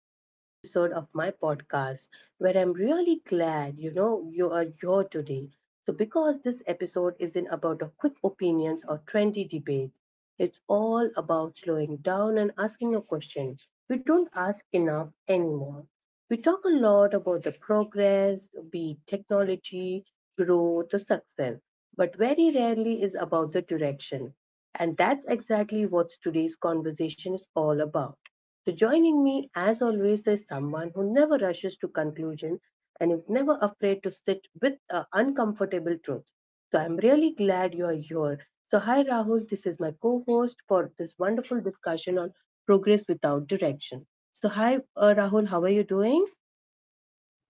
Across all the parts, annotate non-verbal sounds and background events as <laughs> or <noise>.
another episode of my podcast where I'm really glad you are here today. So, because this episode isn't about a quick opinions or trendy debates, it's all about slowing down and asking a question we don't ask enough anymore. We talk a lot about the progress, be it technology, growth, or success, but very rarely is about the direction. And that's exactly what today's conversation is all about. So, joining me, as always, is someone who never rushes to conclusion and is never afraid to sit with uncomfortable truth. So I'm really glad you're here. So, hi Rahul, this is my co host for this wonderful discussion on progress without direction. So, hi Rahul, how are you doing?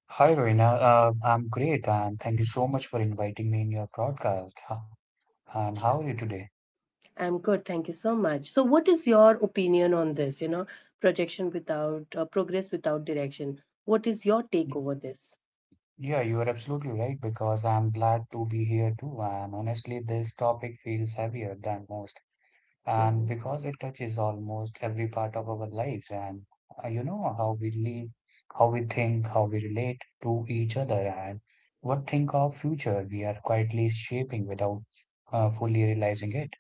Hi, Reena. I'm great, and thank you so much for inviting me in your broadcast. And how are you today? I'm good, thank you so much. So, what is your opinion on this? Projection without progress without direction. What is your take Y- over this? Yeah, you are absolutely right because I'm glad to be here too. And honestly, this topic feels heavier than most, and Mm-hmm. because it touches almost every part of our lives, and you know how we live, how we think, how we relate to each other, and what think of future we are quietly shaping without fully realizing it.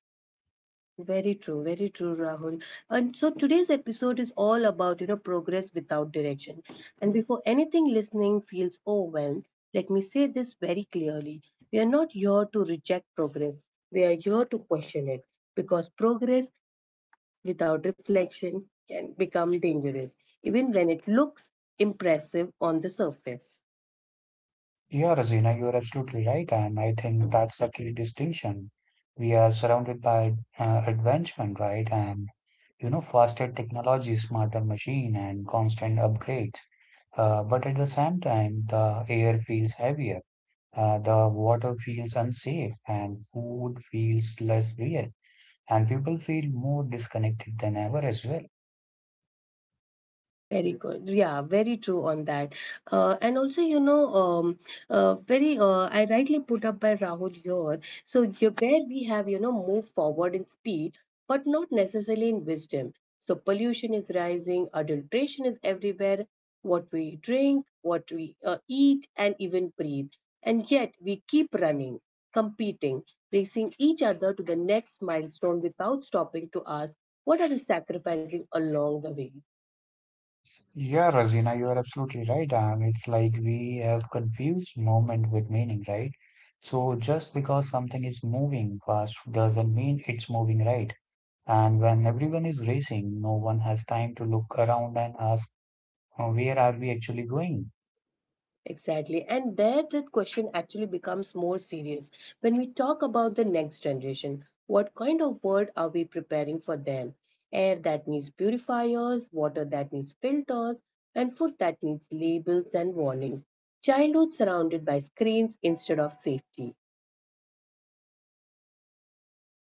Very true, Rahul. And so today's episode is all about, you know, progress without direction. And before anything listening feels overwhelmed, let me say this very clearly. We are not here to reject progress. We are here to question it because progress without reflection can become dangerous, even when it looks impressive on the surface. Yeah, Razina, you are absolutely right, and I think that's the key distinction. We are surrounded by advancement, right? And you know, faster technology, smarter machine, and constant upgrades. But at the same time, the air feels heavier, the water feels unsafe, and food feels less real, and people feel more disconnected than ever as well. Very good. Yeah, very true on that. And also, you know, I rightly put up by Rahul here. So, you, where we have, you know, moved forward in speed, but not necessarily in wisdom. So, pollution is rising, adulteration is everywhere, what we drink, what we eat, and even breathe. And yet, we keep running, competing, racing each other to the next milestone without stopping to ask, what are we sacrificing along the way? Yeah, Razina, you are absolutely right. It's like we have confused moment with meaning, right? So just because something is moving fast doesn't mean it's moving right. And when everyone is racing, no one has time to look around and ask, "Where are we actually going?" Exactly. And there the question actually becomes more serious. When we talk about the next generation, what kind of world are we preparing for them? Air that needs purifiers, water that needs filters, and food that needs labels and warnings. Childhood surrounded by screens instead of safety.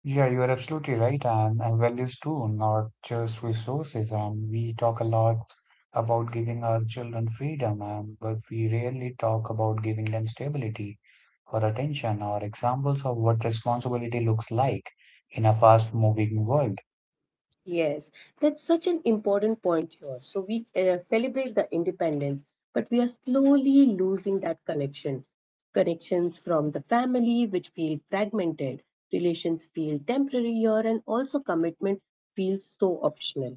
Yeah, you are absolutely right, and values too, not just resources. And we talk a lot about giving our children freedom, and but we rarely talk about giving them stability or attention or examples of what responsibility looks like in a fast-moving world. Yes, that's such an important point here. So we celebrate the independence, but we are slowly losing that connection. Connections from the family, which feel fragmented, relations feel temporary here, and also commitment feels so optional.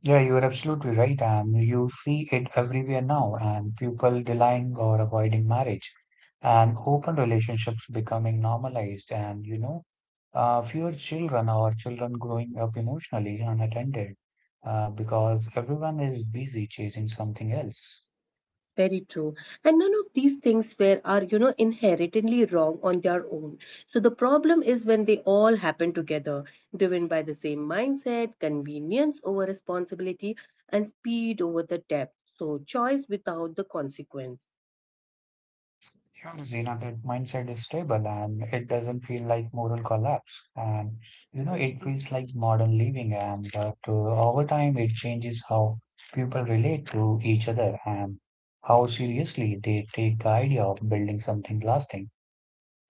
Yeah, you are absolutely right. And you see it everywhere now, and people denying or avoiding marriage, and open relationships becoming normalized, and you know, fewer children or children growing up emotionally unattended, because everyone is busy chasing something else. Very true. And none of these things were are, you know, inherently wrong on their own. So the problem is when they all happen together, driven by the same mindset, convenience over responsibility, and speed over the depth. So choice without the consequence. Yeah, Zina, that mindset is stable and it doesn't feel like moral collapse. And you know, it Mm-hmm. feels like modern living. And but Over time, it changes how people relate to each other and how seriously they take the idea of building something lasting.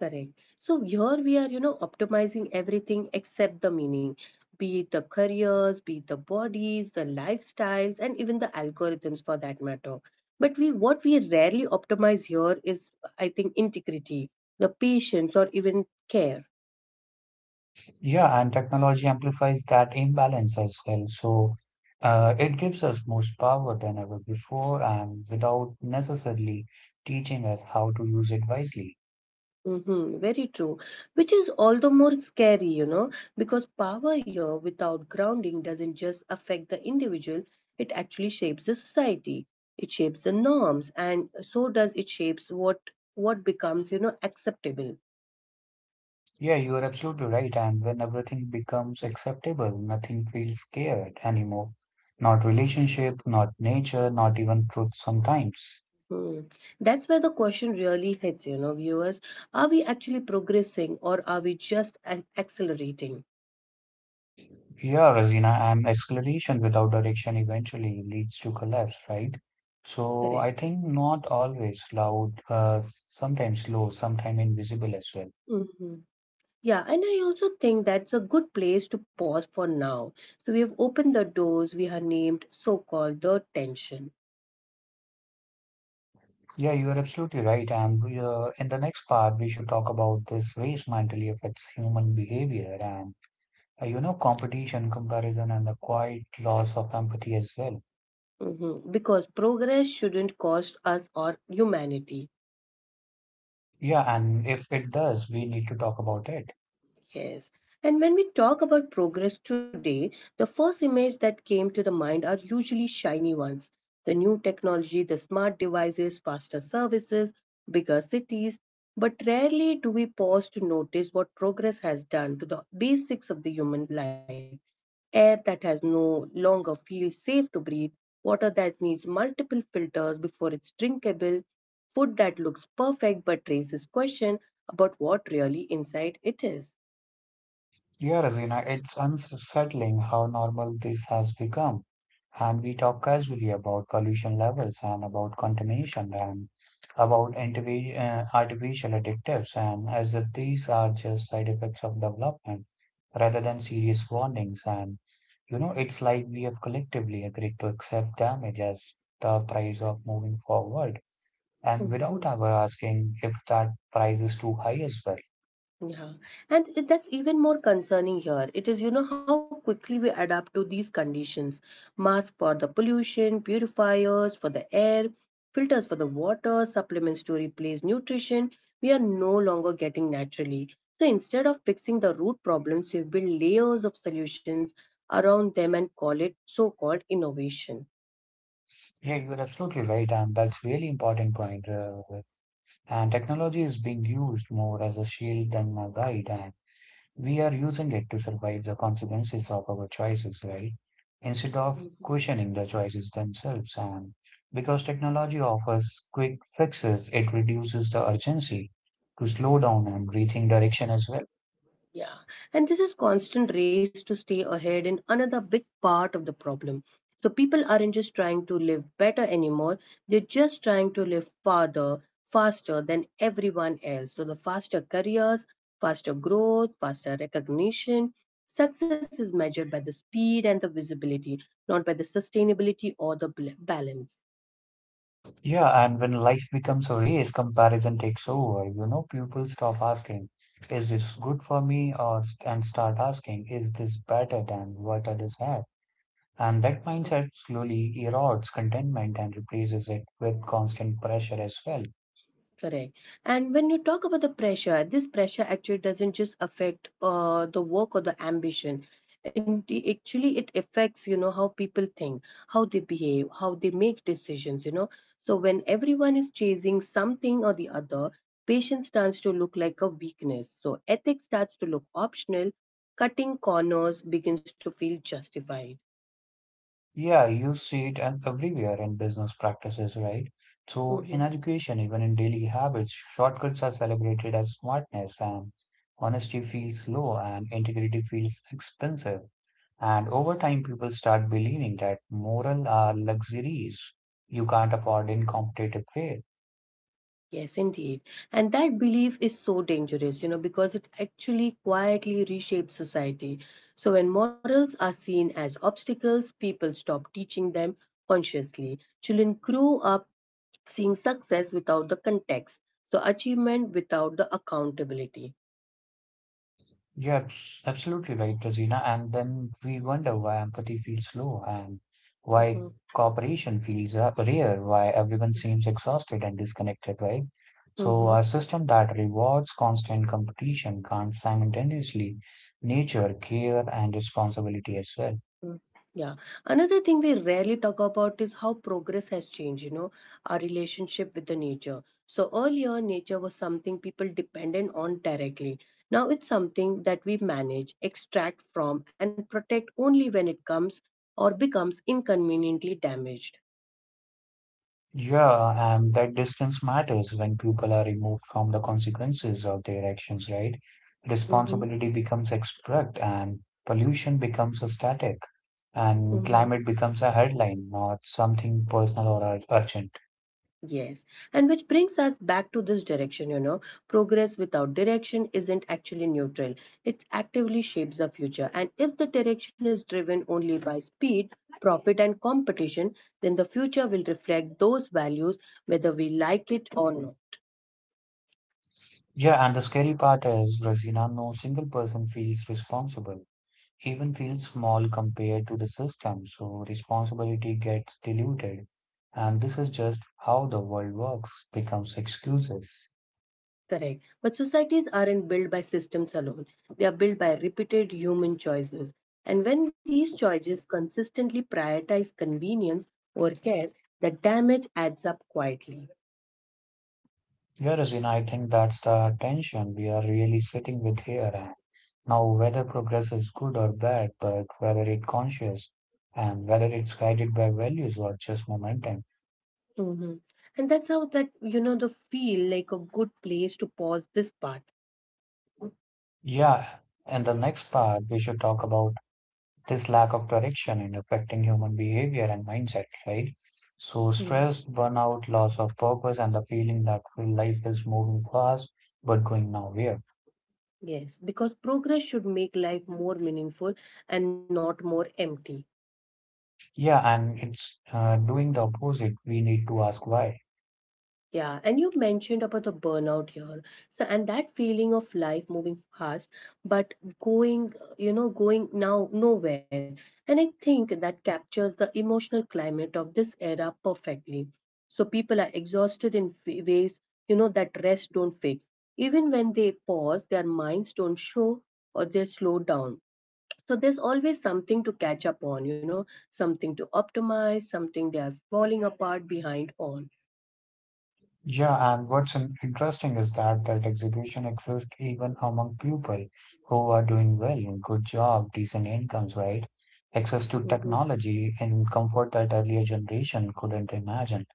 Correct. So here we are, you know, optimizing everything except the meaning, be it the careers, be it the bodies, the lifestyles, and even the algorithms for that matter. But we rarely optimize here is, I think, integrity, the patience, or even care. Yeah, and technology amplifies that imbalance as well. So it gives us more power than ever before, and without necessarily teaching us how to use it wisely. Mm-hmm, very true. Which is all the more scary, you know, because power here without grounding doesn't just affect the individual, it actually shapes the society. It shapes the norms, and so does it shapes what becomes, you know, acceptable. Yeah, you are absolutely right. And when everything becomes acceptable, nothing feels scared anymore. Not relationship, not nature, not even truth sometimes. Hmm. That's where the question really hits, you know, viewers. Are we actually progressing or are we just accelerating? Yeah, Razina, and acceleration without direction eventually leads to collapse, right? So I Correct. think not always loud, sometimes low, sometimes invisible as well. Mm-hmm. Yeah, and I also think that's a good place to pause for now. So we have opened the doors, we have named so called the tension. Yeah, you are absolutely right. And we, in the next part, we should talk about this race mentally affects human behavior and you know, competition, comparison, and the quiet loss of empathy as well. Mhm. Because progress shouldn't cost us our humanity. Yeah, and if it does, we need to talk about it. Yes. And when we talk about progress today, the first image that came to the mind are usually shiny ones. The new technology, the smart devices, faster services, bigger cities. But rarely do we pause to notice what progress has done to the basics of the human life. Air that has no longer feels safe to breathe, water that needs multiple filters before it's drinkable, food that looks perfect but raises question about what really inside it is. Yeah, Razina, it's unsettling how normal this has become. And we talk casually about pollution levels and about contamination and about artificial additives, and as if these are just side effects of development rather than serious warnings. And you know, it's like we have collectively agreed to accept damage as the price of moving forward, and Mhm. without ever asking if that price is too high as well. Yeah, and that's even more concerning here. It is, you know, how quickly we adapt to these conditions. Masks for the pollution, purifiers for the air, filters for the water, supplements to replace nutrition. We are no longer getting naturally. So instead of fixing the root problems, we build layers of solutions around them and call it so-called innovation. Yeah, you're absolutely right, and that's really important point. And technology is being used more as a shield than a guide, and we are using it to survive the consequences of our choices, right? Instead of questioning the choices themselves. And because technology offers quick fixes, it reduces the urgency to slow down and rethink direction as well. Yeah, and this is constant race to stay ahead in another big part of the problem. So people aren't just trying to live better anymore, they're just trying to live farther, faster than everyone else. So the faster careers, faster growth, faster recognition. Success is measured by the speed and the visibility, not by the sustainability or the balance. Yeah, and when life becomes a race, comparison takes over. You know, people stop asking, is this good for me? Or and start asking, is this better than what others have? And that mindset slowly erodes contentment and replaces it with constant pressure as well. Correct. And when you talk about the pressure, this pressure actually doesn't just affect the work or the ambition. And actually, it affects, you know, how people think, how they behave, how they make decisions, you know. So when everyone is chasing something or the other, patience starts to look like a weakness. So ethics starts to look optional. Cutting corners begins to feel justified. Yeah, you see it and everywhere in business practices, right? So, Mm-hmm. in education, even in daily habits, shortcuts are celebrated as smartness, and honesty feels low, and integrity feels expensive. And over time, people start believing that moral are luxuries you can't afford in competitive way. Yes, indeed. And that belief is so dangerous, you know, because it actually quietly reshapes society. So when morals are seen as obstacles, people stop teaching them consciously. Children grow up seeing success without the context, so achievement without the accountability. You're absolutely right, Rosina. And then we wonder why empathy feels low and Mhm. why cooperation feels rare, why everyone seems exhausted and disconnected, right? So, Mhm. a system that rewards constant competition can't simultaneously nature care and responsibility as well. Mm, yeah. Another thing we rarely talk about is how progress has changed, you know, our relationship with the nature. So earlier, nature was something people depended on directly. Now it's something that we manage, extract from, and protect only when it comes or becomes inconveniently damaged. Yeah, and that distance matters when people are removed from the consequences of their actions, right? Mm-hmm. Responsibility becomes abstract and pollution becomes a static and Mm-hmm. climate becomes a headline, not something personal or urgent. Yes, and which brings us back to this direction, you know. Progress without direction isn't actually neutral, it actively shapes the future. And if the direction is driven only by speed, profit, and competition, then the future will reflect those values whether we like it or not. Yeah, and the scary part is, Razina, no single person feels responsible, even feels small compared to the system, so responsibility gets diluted. And this is just how the world works, becomes excuses. Correct. But societies aren't built by systems alone, they are built by repeated human choices. And when these choices consistently prioritize convenience or care, the damage adds up quietly. Whereas, in I think that's the tension we are really sitting with here and now whether progress is good or bad, but whether it's conscious and whether it's guided by values or just momentum. Hmm. And that's how that you know the feel like a good place to pause this part. Yeah, in the next part, we should talk about this lack of direction in affecting human behavior and mindset, right? So, Mhm. stress, burnout, loss of purpose, and the feeling that feel life is moving fast but going nowhere. Yes, because progress should make life more meaningful and not more empty. Yeah, and it's doing the opposite. We need to ask why. Yeah, and you mentioned about the burnout here. So, and that feeling of life moving fast, but going, you know, going now nowhere. And I think that captures the emotional climate of this era perfectly. So people are exhausted in ways, you know, that rest don't fix. Even when they pause, their minds don't show or they slow down. So there's always something to catch up on, you know, something to optimize, something they are falling apart behind on. Yeah, and what's interesting is that that execution exists even among people who are doing well, good job, decent incomes, right? Access to Mm-hmm. technology and comfort that earlier generation couldn't imagine.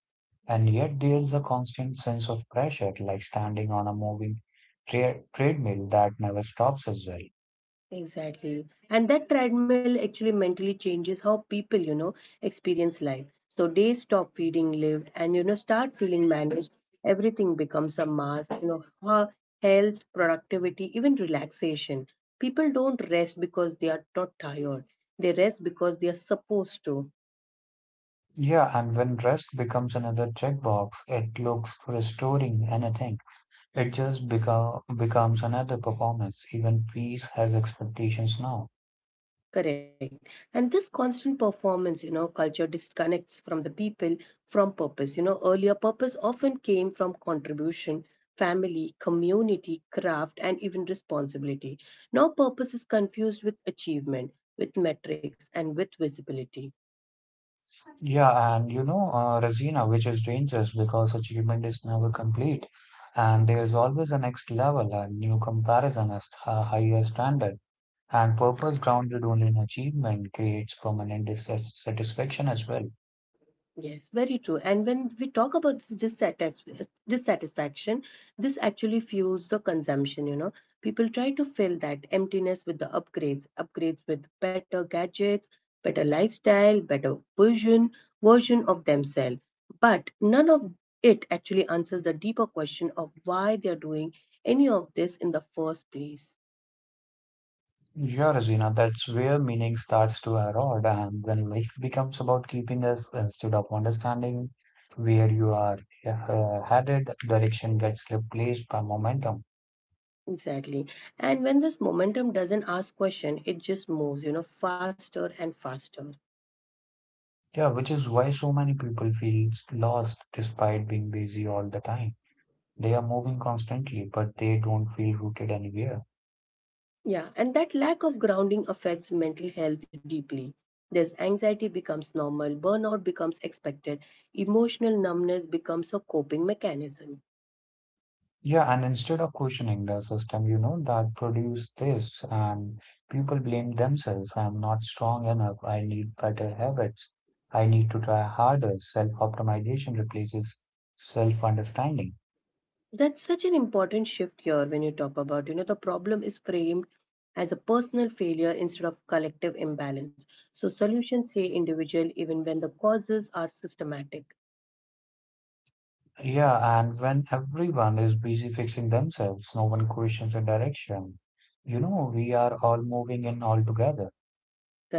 And yet there's a constant sense of pressure, like standing on a moving treadmill that never stops as well. Exactly. And that treadmill actually mentally changes how people, you know, experience life. So days stop feeling lived and, you know, start feeling managed. Everything becomes a mask, you know, health, productivity, even relaxation. People don't rest because they are not tired. They rest because they are supposed to. Yeah, and when rest becomes another checkbox, it looks restoring anything. It just becomes another performance. Even peace has expectations now. Correct. And this constant performance, you know, culture disconnects from the people from purpose. You know, earlier purpose often came from contribution, family, community, craft, and even responsibility. Now purpose is confused with achievement, with metrics, and with visibility. Yeah, and you know, Razina, which is dangerous because achievement is never complete, and there's always a next level, a new comparison, a higher standard. And purpose grounded only in achievement creates permanent dissatisfaction as well. Yes, very true. And when we talk about dissatisfaction, this actually fuels the consumption. You know, people try to fill that emptiness with the upgrades, upgrades with better gadgets, better lifestyle, better version version of themselves. But none of it actually answers the deeper question of why they are doing any of this in the first place. Yeah, Regina, that's where meaning starts to erode, and when life becomes about keeping us instead of understanding where you are yeah, headed, direction gets replaced by momentum. Exactly. And when this momentum doesn't ask question, it just moves, you know, faster and faster. Yeah, which is why so many people feel lost despite being busy all the time. They are moving constantly, but they don't feel rooted anywhere. Yeah, and that lack of grounding affects mental health deeply. There's anxiety becomes normal, burnout becomes expected, emotional numbness becomes a coping mechanism. Yeah, and instead of questioning the system, you know, that produced this, and people blame themselves. I'm not strong enough. I need better habits. I need to try harder. Self-optimization replaces self-understanding. That's such an important shift here when you talk about, you know, the problem is framed as a personal failure instead of collective imbalance. So solutions say individual even when the causes are systematic. Yeah, and when everyone is busy fixing themselves, no one questions a direction. You know, we are all moving in all together.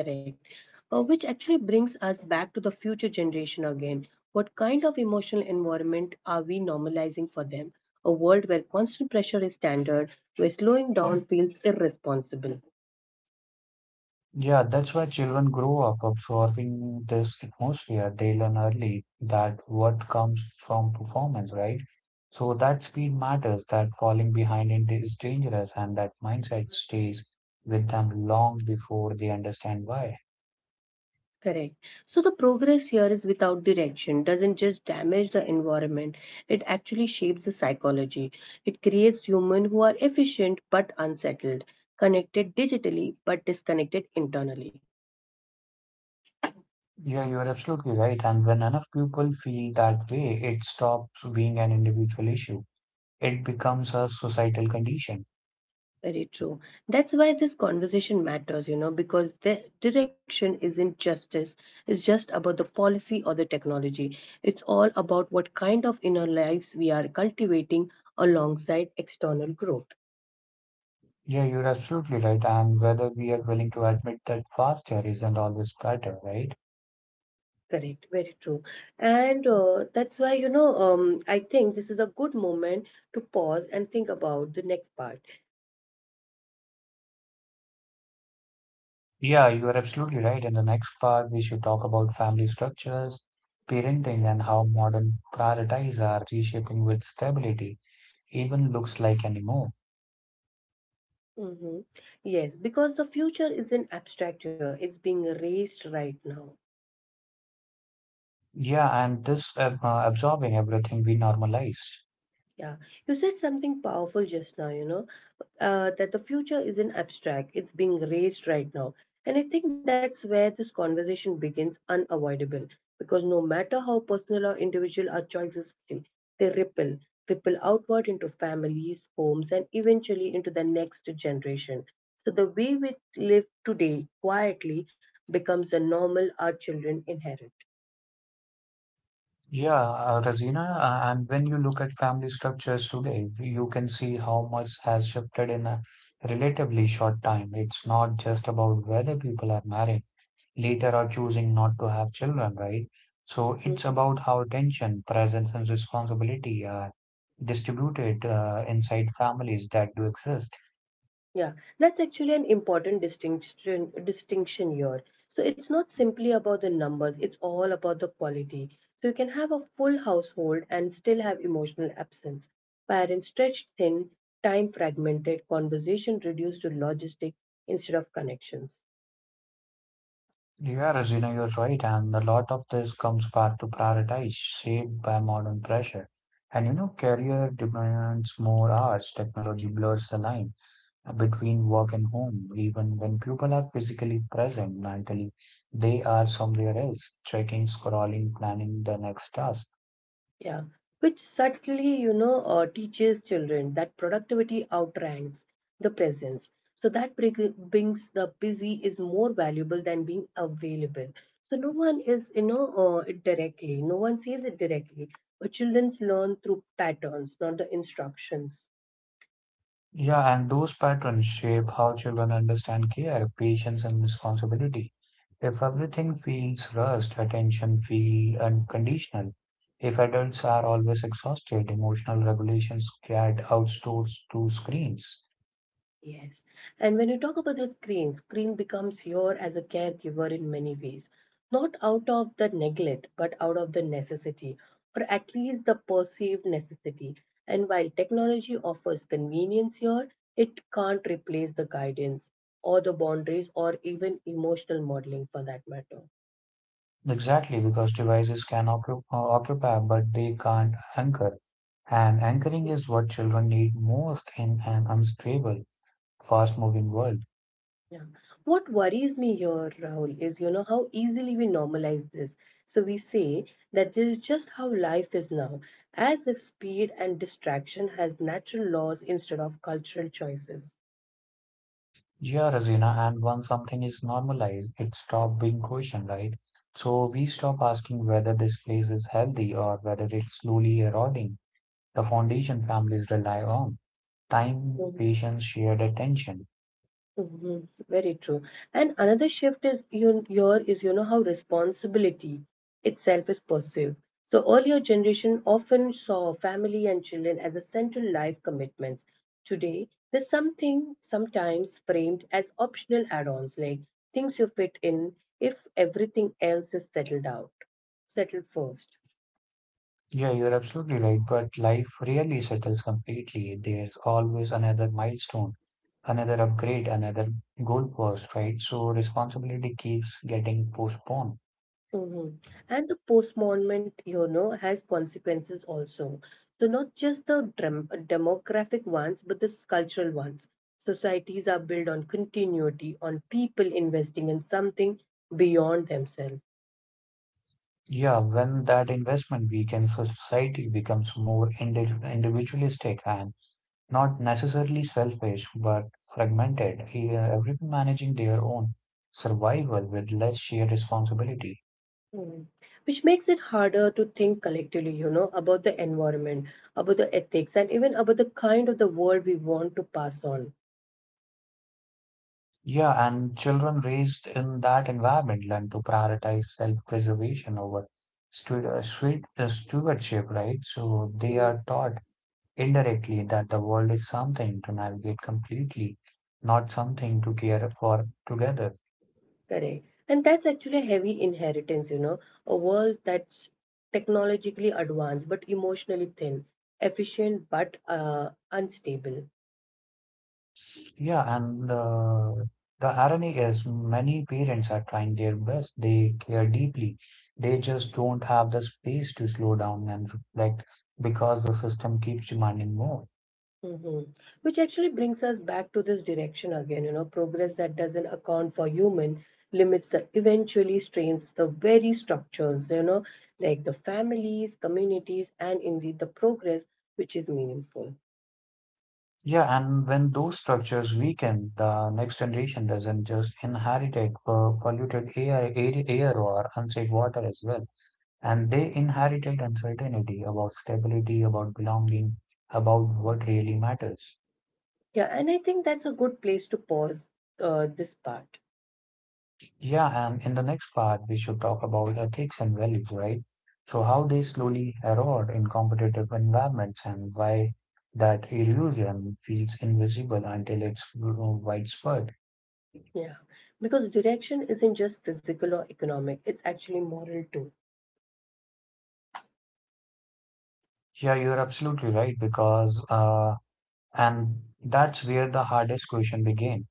Correct. Which actually brings us back to the future generation again. What kind of emotional environment are we normalizing for them? A world where constant pressure is standard, where slowing down feels irresponsible. Yeah, that's why children grow up absorbing this atmosphere. They learn early that what comes from performance, right? So that speed matters, that falling behind in is dangerous, and that mindset stays with them long before they understand why. Correct. So the progress here is without direction, doesn't just damage the environment, it actually shapes the psychology. It creates humans who are efficient but unsettled, connected digitally but disconnected internally. Yeah, you're absolutely right. And when enough people feel that way, it stops being an individual issue. It becomes a societal condition. Very true. That's why this conversation matters, you know, because the direction isn't justice. It's just about the policy or the technology. It's all about what kind of inner lives we are cultivating alongside external growth. Yeah, you're absolutely right. And whether we are willing to admit that faster isn't always better, right? Correct. Very true. And that's why, you know, I think this is a good moment to pause and think about the next part. Yeah, you are absolutely right. In the next part, we should talk about family structures, parenting, and how modern priorities are reshaping with stability, even looks like anymore. Hmm. Yes, because the future isn't abstract here, it's being raised right now. Yeah, and this absorbing everything we normalize. Yeah, you said something powerful just now, you know, that the future isn't abstract, it's being raised right now. And I think that's where this conversation begins unavoidable because no matter how personal or individual our choices feel, they ripple outward into families, homes, and eventually into the next generation. So the way we live today quietly becomes the normal our children inherit. Yeah, Razina, and when you look at family structures today, you can see how much has shifted in a relatively short time. It's not just about whether people are married. Later are choosing not to have children, right? So it's Mhm. about how attention, presence, and responsibility are distributed inside families that do exist. Yeah, that's actually an important distinction here. So it's not simply about the numbers, it's all about the quality. So you can have a full household and still have emotional absence. Parents stretched thin, time fragmented, conversation reduced to logistic instead of connections. Yeah, Rosina, you're right. And a lot of this comes back to prioritize, shaped by modern pressure. And you know, career demands more hours. Technology blurs the line between work and home. Even when people are physically present mentally, they are somewhere else, checking, scrolling, planning the next task. Yeah, which subtly, teaches children that productivity outranks the presence. So that brings the busy is more valuable than being available. So no one is, it directly. No one says it directly. But children learn through patterns, not the instructions. Yeah, and those patterns shape how children understand care, patience, and responsibility. If everything feels rushed, attention feel unconditional. If adults are always exhausted, emotional regulations get outsourced to screens. Yes. And when you talk about the screen becomes your as a caregiver in many ways. Not out of the neglect, but out of the necessity, or at least the perceived necessity. And while technology offers convenience here, it can't replace the guidance or the boundaries or even emotional modeling for that matter. Exactly, because devices can occupy, but they can't anchor. And anchoring is what children need most in an unstable, fast-moving world. Yeah. What worries me here, Rahul, is how easily we normalize this. So we say that this is just how life is now, as if speed and distraction has natural laws instead of cultural choices. Yeah, Razina, and once something is normalized, it stops being questioned, right? So we stop asking whether this place is healthy or whether it's slowly eroding the foundation families rely on. Time, patience, shared attention. Mhm. Very true. And another shift is you here is how responsibility itself is perceived. So earlier generation often saw family and children as a central life commitments. Today, there's something sometimes framed as optional add-ons, like things you fit in if everything else is settled first. Yeah, you're absolutely right, but life rarely settles completely. There's always another milestone, another upgrade, another goalpost, right? So responsibility keeps getting postponed. Hmm. And the postponement, has consequences also. So not just the demographic ones, but the cultural ones. Societies are built on continuity, on people investing in something beyond themselves. Yeah, when that investment weakens, so society becomes more individualistic and not necessarily selfish, but fragmented, everyone managing their own survival with less shared responsibility. Mhm. Which makes it harder to think collectively, about the environment, about the ethics, and even about the kind of the world we want to pass on. Yeah, and children raised in that environment learn to prioritize self-preservation over stewardship, right? So they Mm-hmm. are taught indirectly that the world is something to navigate completely, not something to care for together. Correct. And that's actually a heavy inheritance, a world that's technologically advanced but emotionally thin, efficient but unstable. Yeah, and the irony is many parents are trying their best. They care deeply. They just don't have the space to slow down and reflect because the system keeps demanding more. Hmm. Which actually brings us back to this direction again, progress that doesn't account for human limits that eventually strains the very structures, like the families, communities, and indeed the progress which is meaningful. Yeah, and when those structures weaken, the next generation doesn't just inherit polluted air or unsafe water as well. And they inherited uncertainty about stability, about belonging, about Mhm. what really matters. Yeah, and I think that's a good place to pause this part. Yeah, and in the next part, we should talk about ethics and values, right? So, how they slowly erode in competitive environments and why that erosion feels invisible until it's widespread. Yeah, because direction isn't just physical or economic, it's actually moral too. Yeah, you're absolutely right because and that's where the hardest question begins.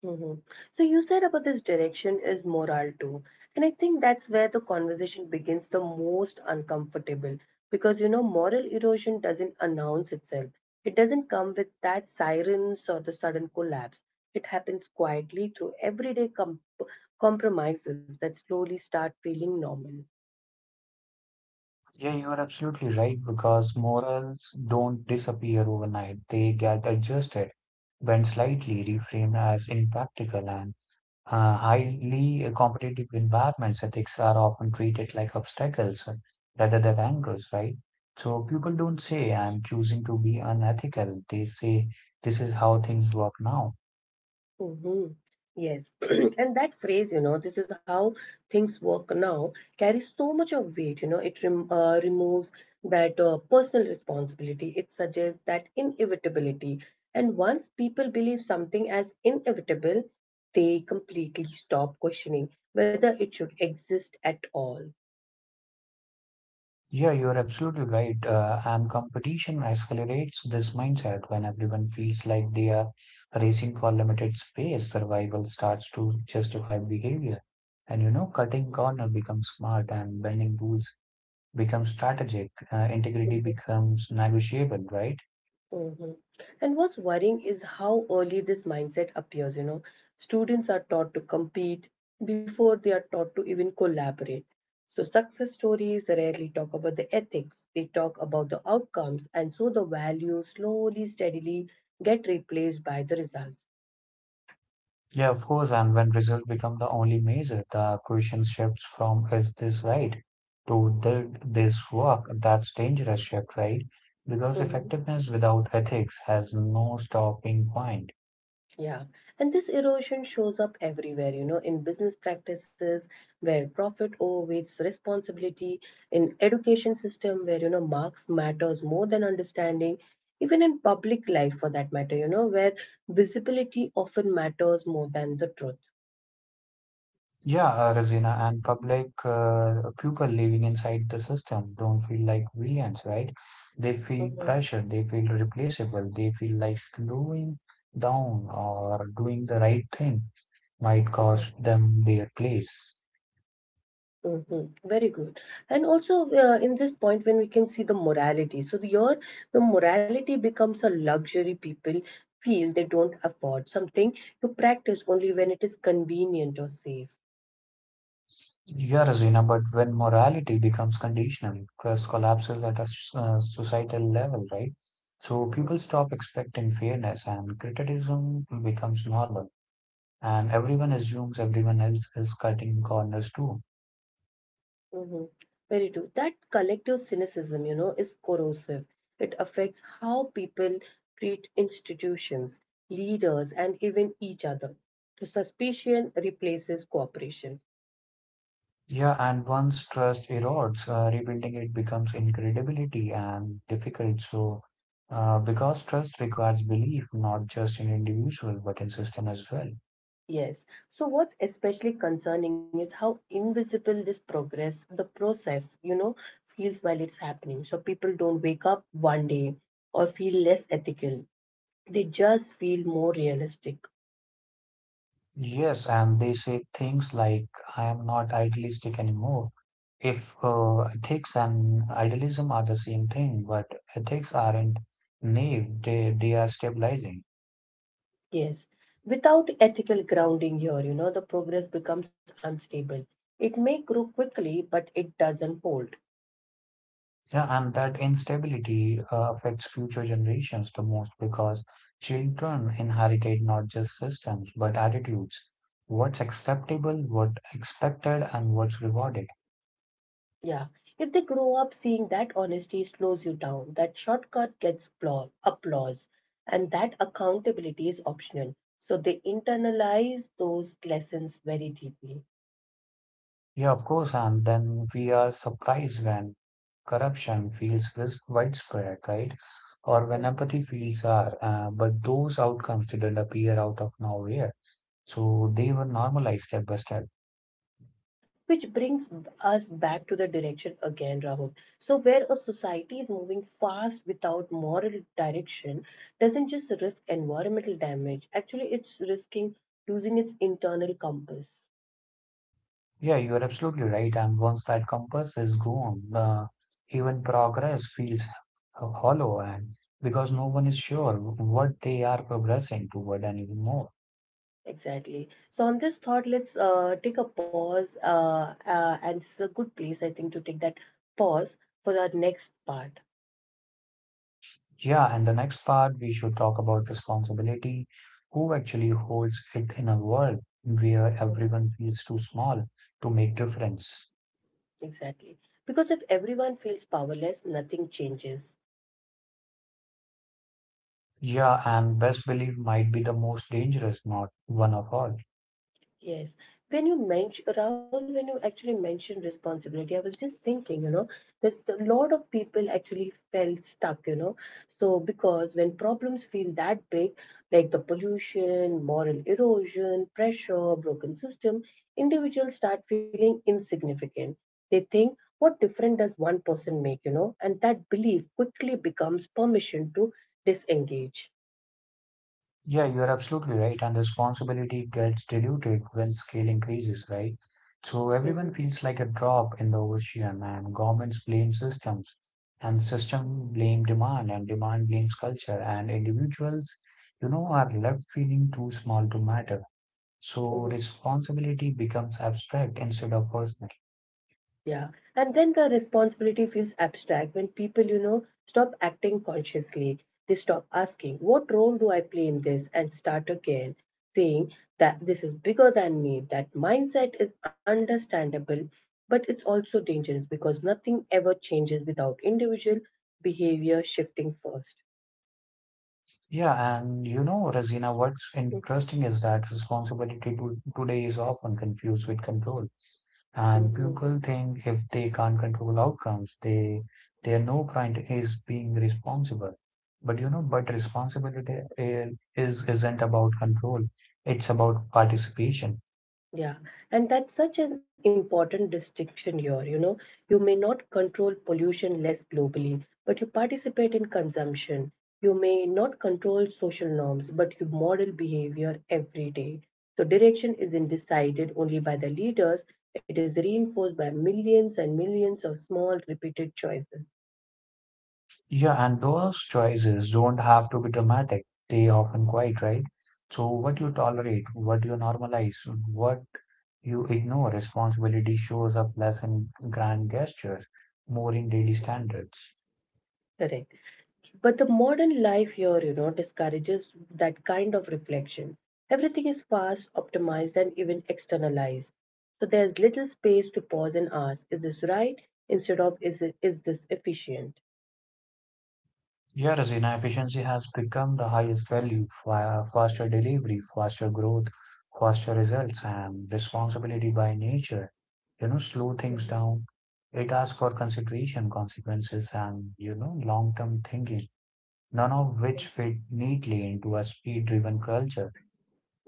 Hmm. So, you said about this direction is moral too. And I think that's where the conversation begins the most uncomfortable because moral erosion doesn't announce itself, it doesn't come with that sirens or the sudden collapse. It happens quietly through everyday compromises that slowly start feeling normal. Yeah, you're absolutely right because morals don't disappear overnight, they get adjusted when slightly reframed as impractical and highly competitive environments, ethics are often treated like obstacles rather than angles, right? So people don't say, I'm choosing to be unethical. They say, this is how things work now. Hmm. Yes. <clears throat> And that phrase, this is how things work now, carries so much of weight. It removes that personal responsibility, it suggests that inevitability. And once people believe something as inevitable, they completely stop questioning whether it should exist at all. Yeah, you're absolutely right. And competition accelerates this mindset when everyone feels like they are racing for limited space. Survival starts to justify behavior. And you know, cutting corner becomes smart and bending rules becomes strategic, integrity Mhm. becomes negotiable, right? Hmm. And what's worrying is how early this mindset appears. Students are taught to compete before they are taught to even collaborate. So, success stories rarely talk about the ethics, they talk about the outcomes, and so the values slowly, steadily get replaced by the results. Yeah, of course. And when results become the only measure, the question shifts from is this right to did this work? That's dangerous shift, right? Because Mm-hmm. effectiveness without ethics has no stopping point. Yeah, and this erosion shows up everywhere, in business practices where profit overweights responsibility, in education system where, marks matters more than understanding, even in public life for that matter, where visibility often matters more than the truth. Yeah, Razina, and public people living inside the system don't feel like villains, right? They feel Mhm, pressured, they feel replaceable, they feel like slowing down or doing the right thing might mhm. cost them their place. Hmm. Very good. And also, in this point, when we can see the morality, so your the morality becomes a luxury people feel they don't afford something to practice only when it is convenient or safe. Yeah, Razina, but when morality becomes conditional, trust collapses at a societal level, right? So Hmm, people stop expecting fairness and criticism becomes normal. And everyone assumes everyone else is cutting corners too. hmm. Very true. That collective cynicism, is corrosive. It affects how people treat institutions, leaders, and even each other. So suspicion replaces cooperation. Yeah, and once trust erodes, rebuilding it becomes incredibility and difficult. Because trust requires belief, not just in individual, but in system as well. Yes. So what's especially concerning is how invisible this progress, the process, feels while it's happening. So people don't wake up one day or feel less ethical. They just feel more realistic. Yes, and they say things like, I am not idealistic anymore. If ethics and idealism are the same thing, but ethics aren't naive, they are stabilizing. Yes. Without ethical grounding here, the progress becomes unstable. It may grow quickly, but it doesn't hold. Yeah, and that instability affects future generations the most because children inherited not just systems but attitudes. What's acceptable, what's expected, and what's rewarded. Yeah. If they grow up seeing that honesty slows you down, that shortcut gets applause, and that accountability is optional. So they internalize those lessons very deeply. Yeah, of course, and then we are surprised when corruption feels widespread, right? Or Mhm. when empathy feels are, but those outcomes didn't appear out of nowhere. So they were normalized step by step. Which brings us back to the direction again, Rahul. So, where a society is moving fast without moral direction, doesn't just risk environmental damage, actually, it's risking losing its internal compass. Yeah, you are absolutely right. And once that compass is gone, even progress feels hollow, and because no one is sure what they are progressing toward anymore. Exactly. So on this thought, let's take a pause, and it's a good place, I think, to take that pause for our next part. Yeah, and the next part we should talk about responsibility. Who actually holds it in a world where Yes. everyone feels too small to make difference? Exactly. Because if everyone feels powerless, nothing changes. Yeah, and best believe might be the most dangerous, not one of all. Yes. When you mention Rahul, when you actually mentioned responsibility, I was just thinking, there's a lot of people actually felt stuck. So because when problems feel that big, like the pollution, moral erosion, pressure, broken system, individuals start feeling insignificant. They think, what difference does one person make? And that belief quickly becomes permission to disengage. Yeah, you are absolutely right. And responsibility gets diluted when scale increases, right? So Mhm. everyone feels like a drop in the ocean, and governments blame systems, and system blame demand, and demand blames culture, and individuals, you know, are left feeling too small to matter. So responsibility becomes abstract instead of personal. Yeah. And then the responsibility feels abstract when people, stop acting consciously. They stop asking, what role do I play in this? And start again saying that this is bigger than me. That mindset is understandable, but it's also dangerous because nothing ever changes without individual behavior shifting first. Yeah, and you know, Razina, what's interesting is that responsibility to, today is often confused with control. And people think if they can't control outcomes, they their no point is being responsible. But you know, but responsibility I- is isn't about control. It's about participation. Yeah, and that's such an important distinction here. You may not control pollution less globally, but you participate in consumption. You may not control social norms, but you model behavior every day. So, direction isn't decided only by the leaders, it is reinforced by millions and millions of small, repeated choices. Yeah, and those choices don't have to be dramatic. They often quite, right? So what you tolerate, what you normalize, what you ignore, responsibility shows up less in grand gestures, more in daily standards. Correct. But the modern life here, discourages that kind of reflection. Everything is fast, optimized, and even externalized. So there's little space to pause and ask, is this right? Instead of, is this efficient? Yeah, Razina, efficiency has become the highest value, faster delivery, faster growth, faster results, and responsibility by nature. You know, slow Mhm. things down. It asks for consideration, consequences, and you know, long-term thinking none of which fit neatly into a speed driven culture.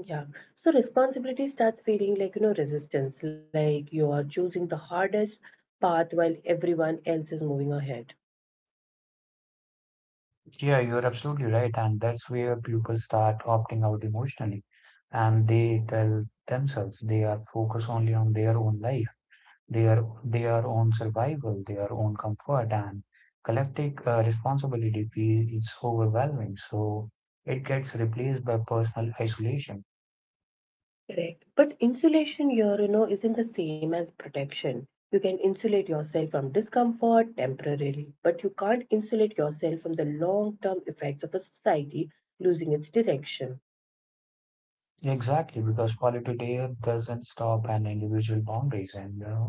Yeah. So responsibility starts feeling like, resistance, like you are choosing the hardest path while everyone else is moving ahead. Yeah, you're absolutely right. And that's where people start opting out emotionally. And they tell themselves they are focused only on their own life, their own survival, their own comfort, and collective responsibility feels overwhelming. So it gets replaced by personal isolation. Correct. But insulation here, isn't the same as protection. You can insulate yourself from discomfort temporarily, but you can't insulate yourself from the long term effects of a society losing its direction. Exactly, because quality there doesn't stop an individual boundaries and uh,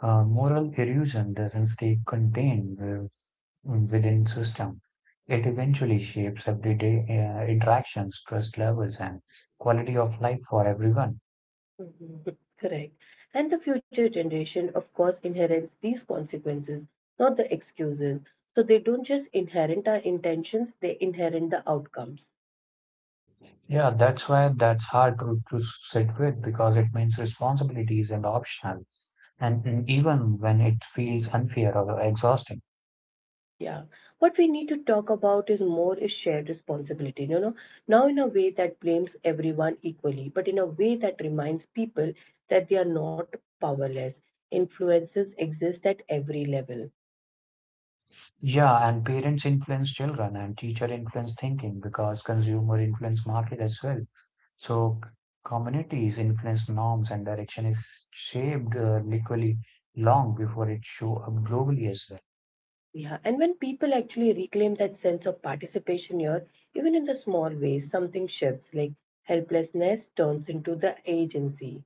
uh, moral erosion doesn't stay contained within system. It eventually shapes everyday interactions, trust levels, and quality of life for everyone. Mhm. <laughs> Correct. And the future generation, of course, inherits these consequences, not the excuses. So they don't just inherit our intentions, they inherit the outcomes. Yeah, that's why that's hard to sit with because it means responsibility isn't optional. And even when it feels unfair or exhausting. Yeah. What we need to talk about is more is shared responsibility, now in a way that blames everyone equally, but in a way that reminds people that they are not powerless. Influences exist at every level. Yeah, and parents influence children and teacher influence thinking because consumer influence market as well. So c- Communities influence norms and direction is shaped equally long before it show up globally as well. Yeah. And when people actually reclaim that sense of participation here, even in the small ways, something shifts, like helplessness turns into the agency.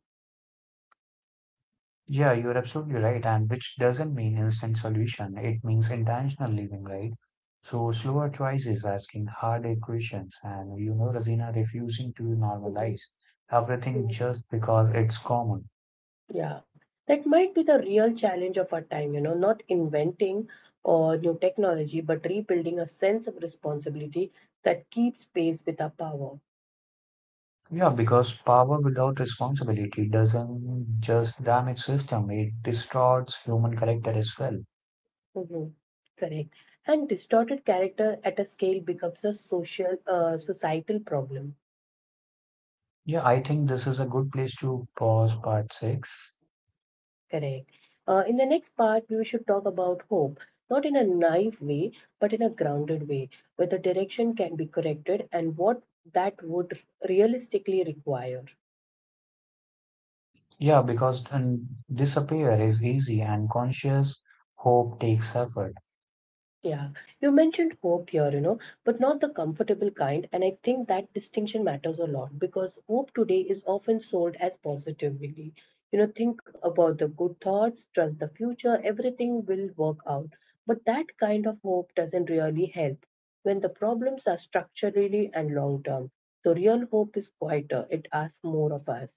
Yeah, you're absolutely right. And which doesn't mean instant solution. It means intentional living, right? So slower choices, asking harder questions, and you know, Razina refusing to normalize Mhm. everything just because it's common. Yeah, that might be the real challenge of our time, not inventing or new technology, but rebuilding a sense of responsibility that keeps pace with our power. Yeah, because power without responsibility doesn't just damage system, it distorts human character as well. Hmm. Correct. And distorted character at a scale becomes a societal problem. Yeah, I think this is a good place to pause part six. Correct. In the next part, we should talk about hope, not in a naive way, but in a grounded way, where the direction can be corrected and what that would realistically require. Yeah, because and disappear is easy and conscious hope takes effort. Yeah, you mentioned hope here, but not the comfortable kind. And I think that distinction matters a lot because hope today is often sold as positively. Think about the good thoughts, trust the future, everything will work out. But that kind of hope doesn't really help when the problems are structurally and long term. So, real hope is quieter, it asks more of us.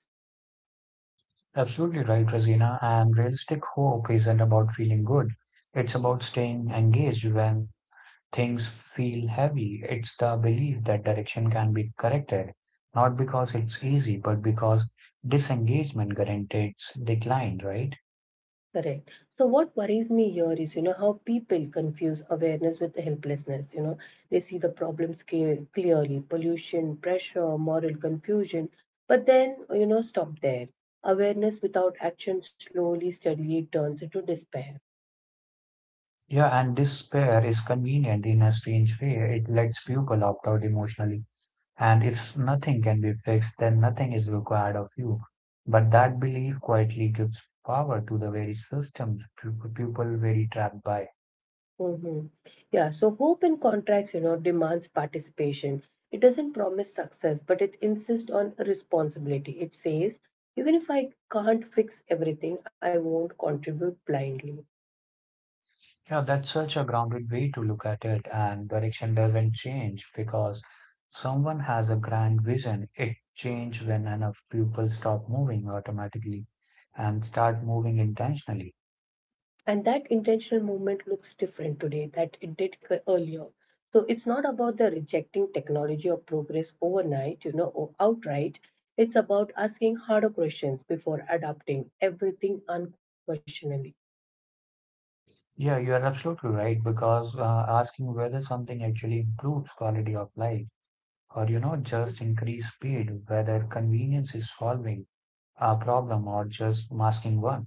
Absolutely right, Rosina. And realistic hope isn't about feeling good. It's about staying engaged when things feel heavy, it's the belief that direction can be corrected, not because it's easy, but because disengagement guarantees decline, right? Correct. So what worries me here is, how people confuse awareness with helplessness. They see the problems clearly, pollution, pressure, moral confusion, but then, stop there. Awareness without action slowly, steadily turns into despair. Yeah, and despair is convenient in a strange way. It lets people opt out emotionally. And if nothing can be fixed, then nothing is required of you. But that belief quietly gives power to the very systems people very trapped by. Hmm. Yeah, so hope in contracts, demands participation. It doesn't promise success, but it insists on responsibility. It says, even if I can't fix everything, I won't contribute blindly. Yeah, that's such a grounded way to look at it, and direction doesn't change because someone has a grand vision. It changes when enough people stop moving automatically and start moving intentionally. And that intentional movement looks different today that it did earlier. So it's not about the rejecting technology or progress overnight, or outright. It's about asking harder questions before adopting everything unquestioningly. Yeah, you are absolutely right because asking whether something actually improves quality of life or you know just increase speed, whether convenience is solving a problem or just masking one.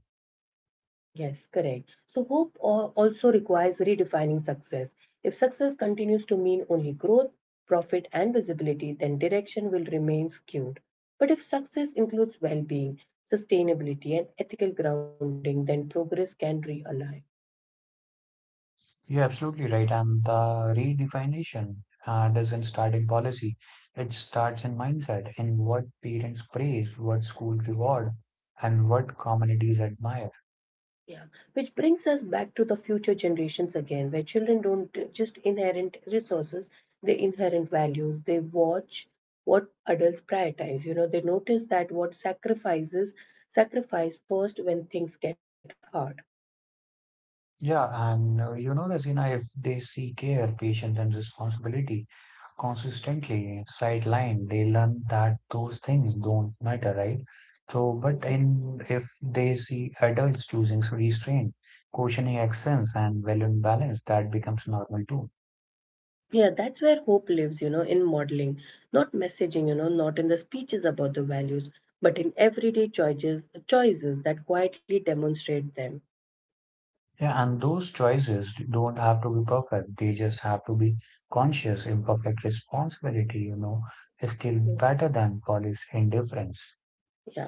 Yes, correct. So, hope also requires redefining success. If success continues to mean only growth, profit, and visibility, then direction will remain skewed. But if success includes well being, sustainability, and ethical grounding, then progress can realign. You're absolutely right. And the redefinition doesn't start in policy. It starts in mindset, in what parents praise, what school reward, and what communities admire. Yeah, which brings us back to the future generations again, where children don't just inherit resources, they inherit values. They watch what adults prioritize. You know, they notice that what sacrifice first when things get hard. Yeah, and you know, Rasina, if they see care, patience, and responsibility consistently sidelined, they learn that those things don't matter, right? So, but Mhm. in if they see adults choosing restraint, cautioning excellence, and valuing balance, that becomes normal too. Yeah, that's where hope lives, in modeling, not messaging, not in the speeches about the values, but in everyday choices, choices that quietly demonstrate them. Yeah, and those choices don't have to be perfect. They just have to be conscious, imperfect responsibility, you know, is still better than police indifference.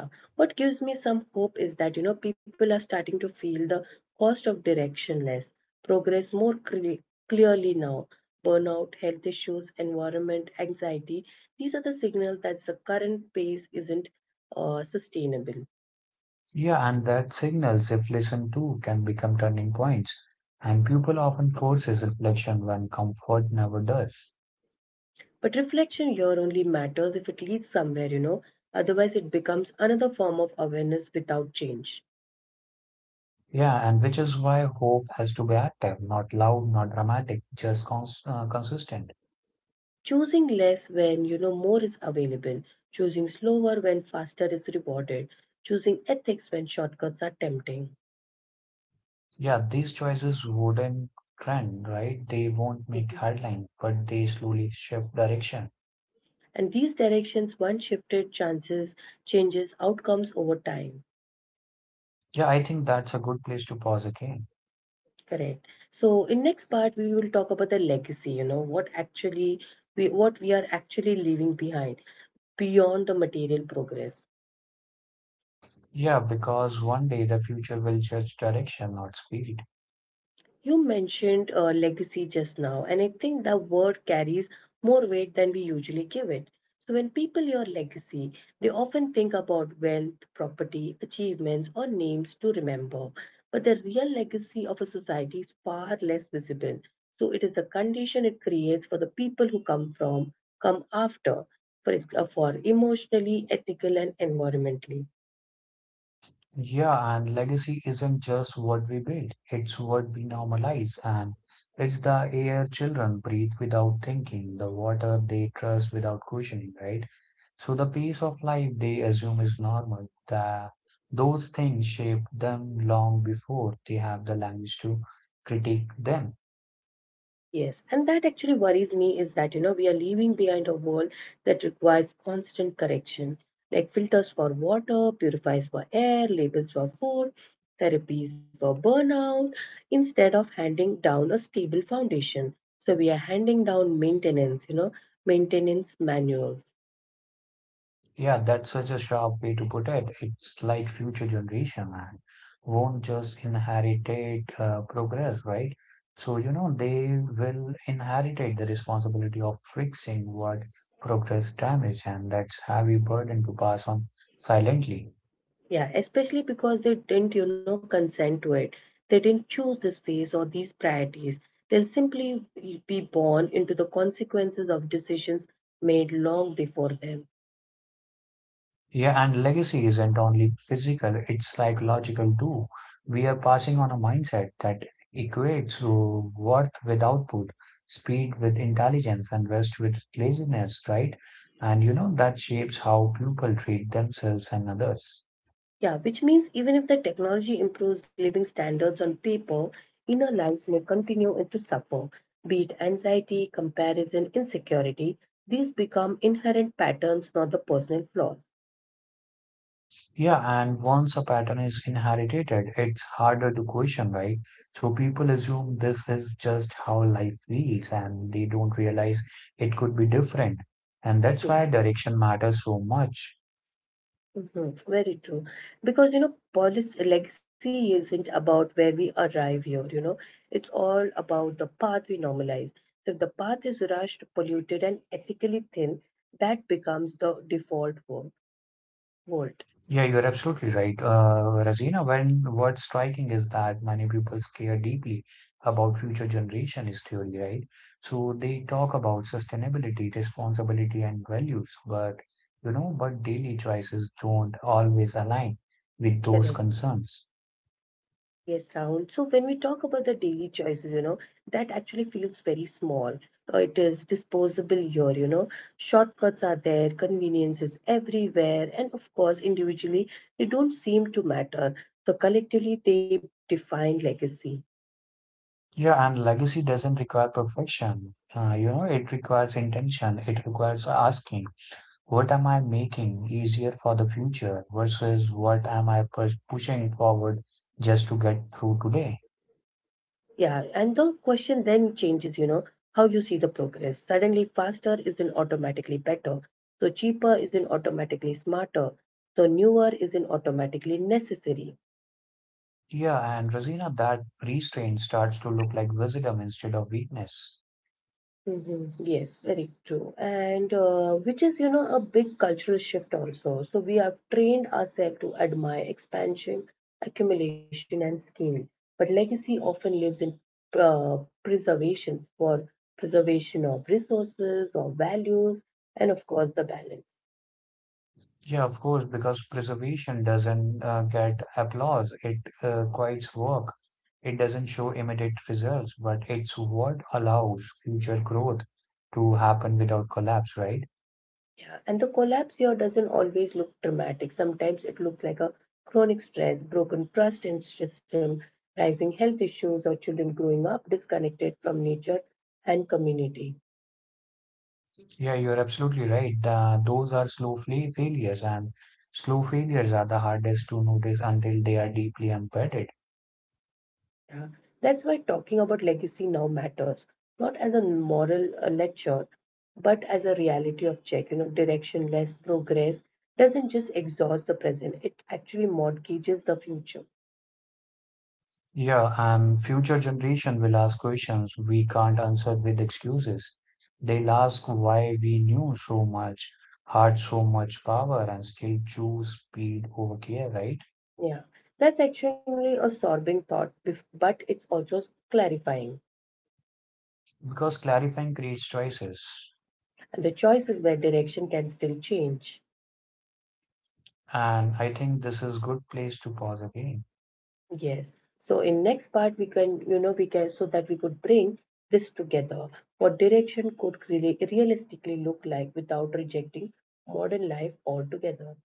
Yeah. What gives me some hope is that, people are starting to feel the cost of directionless progress more clearly now. Burnout, health issues, environment, anxiety. These are the signals that the current pace isn't sustainable. Yeah, and that signals, if listened to, can become turning points. And people often forces reflection when comfort never does. But reflection here only matters if it leads somewhere. Otherwise, it becomes another form of awareness without change. Yeah, and which is why hope has to be active, not loud, not dramatic, just consistent. Choosing less when you know more is available, choosing slower when faster is rewarded, choosing ethics when shortcuts are tempting. Yeah, these choices wouldn't trend, right? They won't make Mhm. headline, but they slowly shift direction. And these directions once shifted chances changes outcomes over time. Yeah, I think that's a good place to pause again. Correct. So in next part we will talk about the legacy, what we are actually leaving behind beyond the material progress. Yeah, because one day the future will judge direction, not speed. You mentioned legacy just now, and I think the word carries more weight than we usually give it. So, when people hear legacy, they often think about wealth, property, achievements, or names to remember. But the real legacy of a society is far less visible. So, it is the condition it creates for the people who come after, for emotionally, ethical, and environmentally. Yeah, and legacy isn't just what we build, it's what we normalize, and it's the air children breathe without thinking, the water they trust without questioning, right? So the pace of life they assume is normal, those things shape them long before they have the language to critique them. Yes, and that actually worries me is that, we are leaving behind a world that requires constant correction, like filters for water, purifiers for air, labels for food, therapies for burnout, instead of handing down a stable foundation. So we are handing down maintenance manuals. Yeah, that's such a sharp way to put it. It's like future generation, man, won't just inherit progress, right? So, you know, they will inherit it, the responsibility of fixing what progress damaged, and that's heavy burden to pass on silently. Yeah, especially because they didn't, consent to it. They didn't choose this phase or these priorities. They'll simply be born into the consequences of decisions made long before them. Yeah, and legacy isn't only physical, it's psychological too. We are passing on a mindset that equates to worth with output, speed with intelligence, and rest with laziness, right? And you know, that shapes how people treat themselves and others. Yeah, which means even if the technology improves living standards on paper, inner lives may continue to suffer. Be it anxiety, comparison, insecurity, these become inherent patterns, not the personal flaws. Yeah, and once a pattern is inherited, it's harder to question, right? So people assume this is just how life feels, and they don't realize it could be different. And that's Yeah. why direction matters so much. Mhm. Very true. Because, policy legacy isn't about where we arrive here, it's all about the path we normalize. So if the path is rushed, polluted, and ethically thin, that becomes the default world. Yeah, you're absolutely right, Razina. When what's striking is that many people care deeply about future generation history, right? So they talk about sustainability, responsibility, and values, but you know, but daily choices don't always align with those Correct. concerns. Yes, Rahul. So when we talk about the daily choices, that actually feels very small. It is disposable here. Shortcuts are there, convenience is everywhere, and of course, individually, they don't seem to matter. So collectively, they define legacy. Yeah, and legacy doesn't require perfection. You know, it requires intention. It requires asking. What am I making easier for the future versus what am I pushing forward just to get through today? Yeah, and the question then changes, how you see the progress. Suddenly, faster isn't automatically better. So cheaper isn't automatically smarter. So newer isn't automatically necessary. Yeah, and Rosina, that restraint starts to look like wisdom instead of weakness. Yes, very true. And which is, a big cultural shift also. So we have trained ourselves to admire expansion, accumulation, and scale. But legacy often lives in uh, preservation for preservation of resources or values, and of course, the balance. Yeah, of course, because preservation doesn't get applause. It quiets work. It doesn't show immediate results, but it's what allows future growth to happen without collapse, right? Yeah, and the collapse here doesn't always look dramatic. Sometimes it looks like a chronic stress, broken trust in system, rising health issues, or children growing up disconnected from nature and community. Yeah, you're absolutely right. Those are slow failures, and slow failures are the hardest to notice until they are deeply embedded. Yeah. That's why talking about legacy now matters, not as a moral lecture, but as a reality of check. Directionless progress doesn't just exhaust the present; it actually mortgages the future. Yeah, and future generation will ask questions we can't answer with excuses. They'll ask why we knew so much, had so much power, and still choose speed over care, right? Yeah, that's actually a sorbing thought, but it's also clarifying. Because clarifying creates choices. And the choice is where direction can still change. And I think this is good place to pause again. Yes. So in next part, we can so that we could bring this together. What direction could really realistically look like without rejecting modern life altogether.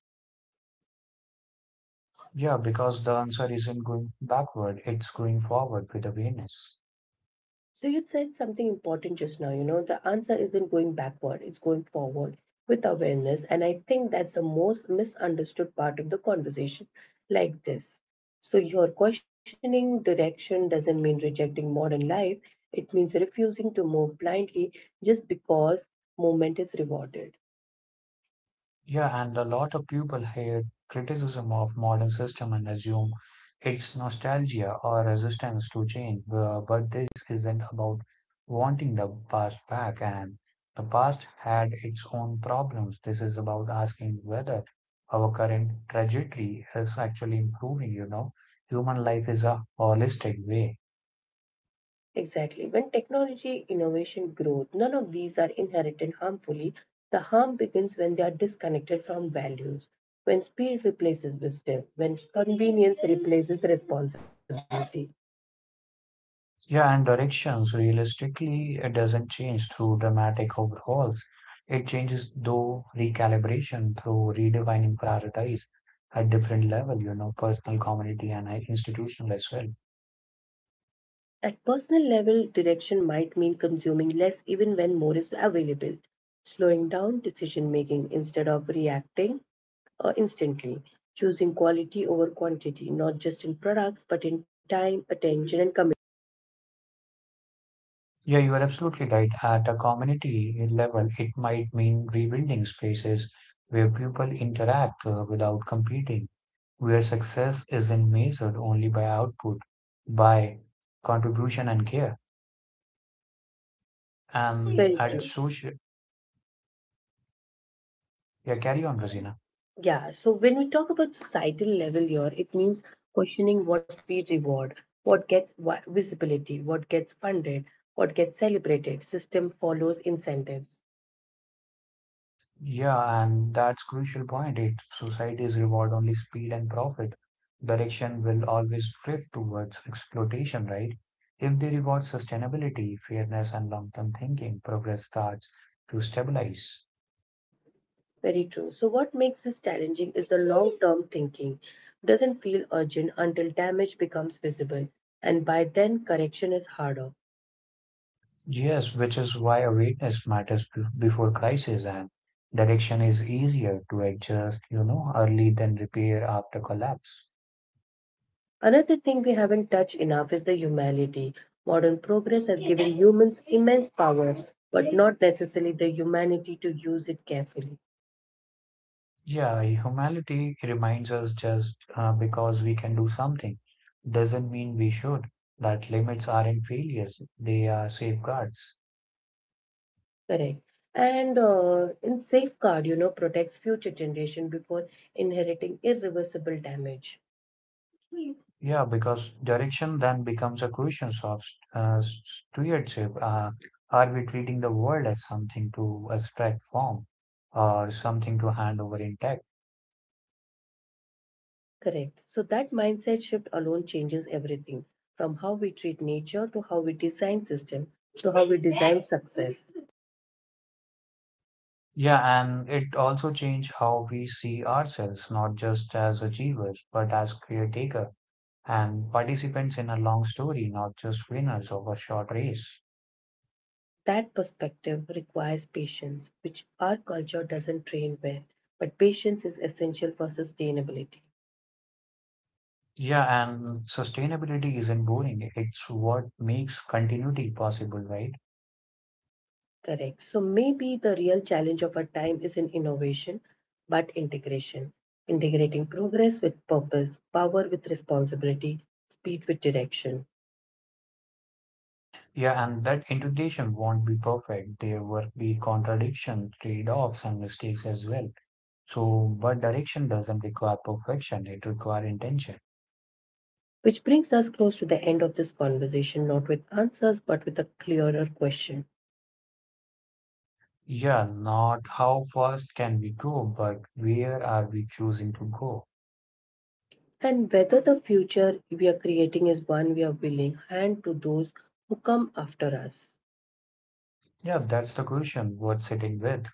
Yeah, because the answer isn't going backward, it's going forward with awareness. So you said something important just now, the answer isn't going backward, it's going forward with awareness. And I think that's the most misunderstood part of the conversation like this. So your questioning direction doesn't mean rejecting modern life. It means refusing to move blindly just because movement is rewarded. Yeah, and a lot of people hear criticism of modern system and assume it's nostalgia or resistance to change, but this isn't about wanting the past back and the past had its own problems. This is about asking whether our current trajectory is actually improving, you know. Human life is a holistic way. Exactly. When technology, innovation, growth, none of these are inherited harmfully, the harm begins when they are disconnected from values, when speed replaces wisdom, when convenience replaces responsibility. Yeah, and directions realistically it doesn't change through dramatic overhauls. It changes through recalibration, through redefining priorities at different level, you know, personal, community, and institutional as well. At personal level, direction might mean consuming less even when more is available, slowing down decision making instead of reacting instantly, choosing quality over quantity, not just in products but in time, attention, and commitment. Yeah, you are absolutely right. At a community level, it might mean rebuilding spaces where people interact without competing, where success isn't measured only by output, by contribution and care. Very And true. at social, yeah, carry on, Rosina. Yeah, so when we talk about societal level here, it means questioning what we reward, what gets visibility, what gets funded, what gets celebrated. System follows incentives. Yeah, and that's crucial point. If societies reward only speed and profit, direction will always drift towards exploitation, right? If they reward sustainability, fairness, and long-term thinking, progress starts to stabilize. Mm. Very true. So, what makes this challenging is the long term thinking. Doesn't feel urgent until damage becomes visible, and by then, correction is harder. Yes, which is why awareness matters before crisis, and direction is easier to adjust, you know, early than repair after collapse. Another thing we haven't touched enough is the humanity. Modern progress has given humans immense power, but not necessarily the humanity to use it carefully. Yeah, humanity reminds us just because we can do something doesn't mean we should. That limits aren't failures, they are safeguards. Correct. And in safeguard, protects future generation before inheriting irreversible damage. Yeah, because direction then becomes a question of stewardship. Are we treating the world as something to abstract from or something to hand over intact? Correct. So that mindset shift alone changes everything, from how we treat nature to how we design system to how we design success. Yeah, and it also changes how we see ourselves, not just as achievers, but as caretaker and participants in a long story, not just winners of a short race. That perspective requires patience, which our culture doesn't train well, but patience is essential for sustainability. Yeah, and sustainability isn't boring. It's what makes continuity possible, right? Correct. So maybe the real challenge of our time isn't innovation, but integration. Integrating progress with purpose, power with responsibility, speed with direction. Yeah, and that integration won't be perfect. There will be contradictions, trade-offs, and mistakes as well. So, but direction doesn't require perfection, it requires intention. Which brings us close to the end of this conversation, not with answers, but with a clearer question. Yeah, not how fast can we go, but where are we choosing to go? And whether the future we are creating is one we are willing hand to those who come after us. Yeah, that's the question worth sitting with.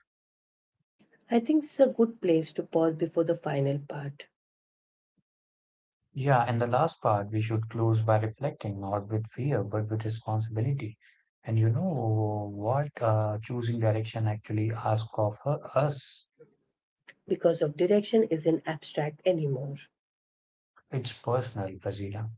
I think this is a good place to pause before the final part Yeah, and the last part, we should close by reflecting, not with fear, but with responsibility. And you know what? Choosing direction actually asks of us. Because of direction isn't abstract anymore. It's personal, Fazila.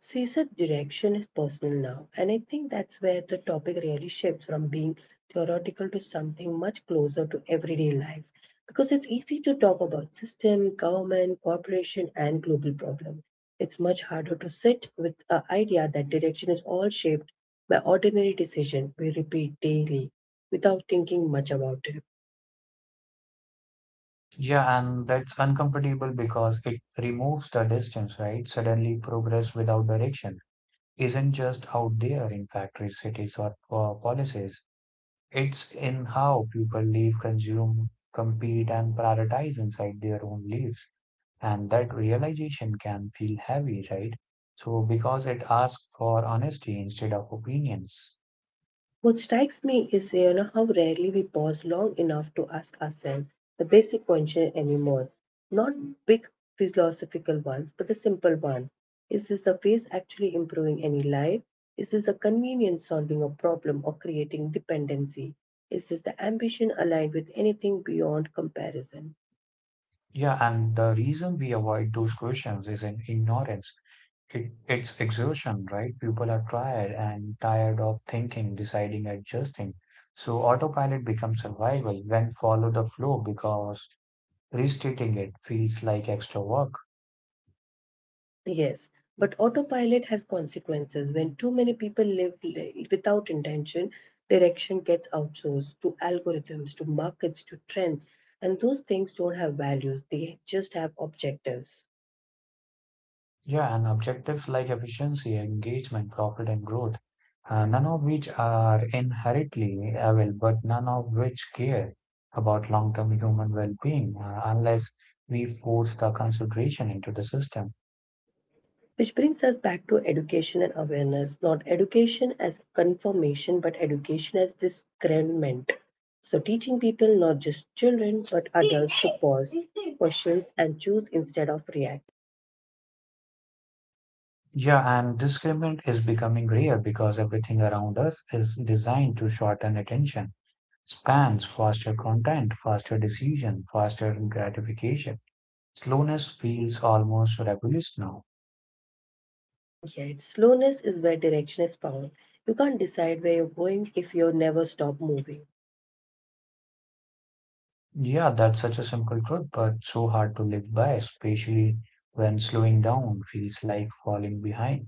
So you said direction is personal now, and I think that's where the topic really shifts from being theoretical to something much closer to everyday life. Because it's easy to talk about system, government, corporation, and global problem. It's much harder to sit with the idea that direction is all shaped by ordinary decision we repeat daily without thinking much about it. Yeah, and that's uncomfortable because it removes the distance, right? Suddenly, progress without direction isn't just out there in factories, cities, or policies. It's in how people live, consume, compete, and prioritize inside their own lives. And that realization can feel heavy, right? So, because it asks for honesty instead of opinions. What strikes me is how rarely we pause long enough to ask ourselves the basic question anymore. Not big philosophical ones, but the simple one. Is this the phase actually improving any life? Is this a convenience solving a problem or creating dependency? Is this the ambition aligned with anything beyond comparison? Yeah, and the reason we avoid those questions is in ignorance. It's exhaustion, right? People are tired and tired of thinking, deciding, adjusting. So, autopilot becomes survival when follow the flow because restating it feels like extra work. Yes, but autopilot has consequences. When too many people live without intention, direction gets outsourced to algorithms, to markets, to trends, and those things don't have values, they just have objectives. Yeah, and objectives like efficiency, engagement, profit, and growth, none of which are inherently evil, but none of which care about long term human well being unless we force the consideration into the system. Which brings us back to education and awareness, not education as confirmation, but education as discernment. So, teaching people, not just children, but adults, to pause, questions, and choose instead of react. Yeah, and discriminant is becoming rare because everything around us is designed to shorten attention spans, faster content, faster decision, faster gratification. Slowness feels almost rebellious now. Yet, slowness is where direction is found. You can't decide where you're going if you never stop moving. Yeah, that's such a simple truth, but so hard to live by, especially when slowing down feels like falling behind.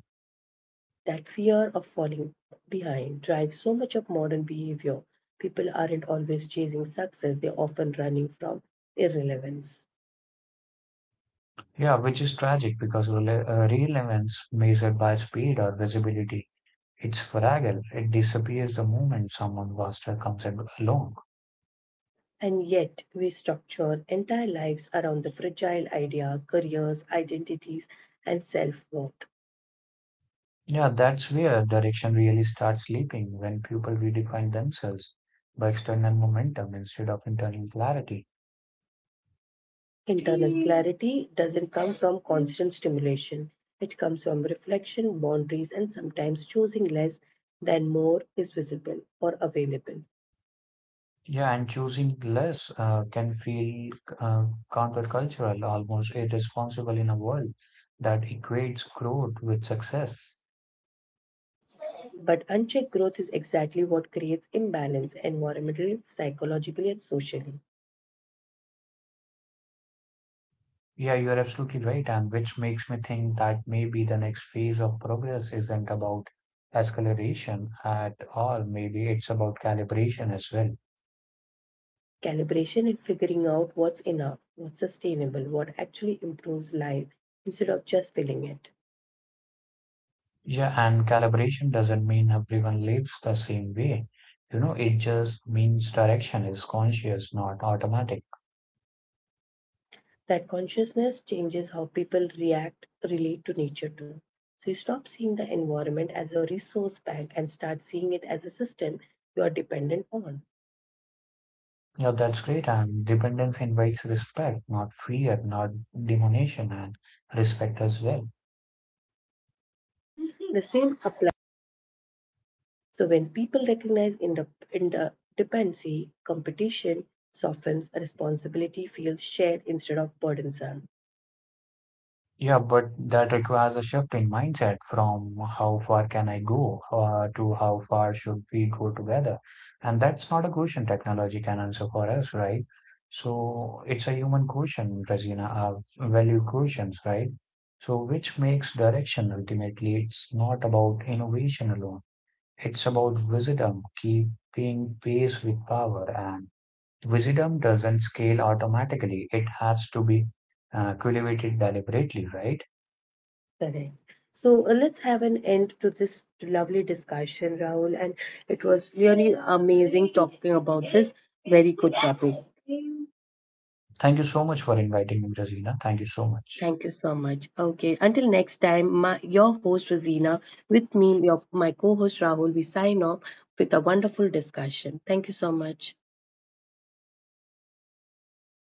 That fear of falling behind drives so much of modern behavior. People aren't always chasing success, they're often running from irrelevance. Yeah, which is tragic because relevance measured by speed or visibility, it's fragile. It disappears the moment someone faster comes along. And yet, we structure entire lives around the fragile idea, careers, identities, and self worth. Yeah, that's where direction really starts slipping when people redefine themselves by external momentum instead of internal clarity. Internal clarity doesn't come from constant stimulation. It comes from reflection, boundaries, and sometimes choosing less than more is visible or available. Yeah, and choosing less can feel uh, countercultural, almost irresponsible in a world that equates growth with success. But unchecked growth is exactly what creates imbalance environmentally, psychologically, and socially. Yeah, you're absolutely right, and which makes me think that maybe the next phase of progress isn't about escalation at all. Maybe it's about calibration as well. Calibration and figuring out what's enough, what's sustainable, what actually improves life instead of just filling it. Yeah, and calibration doesn't mean everyone lives the same way. You know, it just means direction is conscious, not automatic. That consciousness changes how people react, relate to nature too. So you stop seeing the environment as a resource bank and start seeing it as a system you are dependent on. Yeah, that's great. And dependence invites respect, not fear, not demonization, and respect as well. The same applies. So when people recognize interdependency, competition softens, responsibility feels shared instead of burdensome. Yeah, but that requires a shift in mindset from how far can I go to how far should we go together. And that's not a question technology can answer for us, right? So it's a human question, Razina, value questions, right? So which makes direction ultimately, it's not about innovation alone. It's about wisdom keeping pace with power, and wisdom doesn't scale automatically. It has to be cultivated deliberately, right? Correct. So let's have an end to this lovely discussion, Rahul. And it was really amazing talking about this very good topic. Thank you so much for inviting me, Rosina. Thank you so much. Thank you so much. Okay, until next time, your host Rosina, with me, my co host Rahul, we sign off with a wonderful discussion. Thank you so much.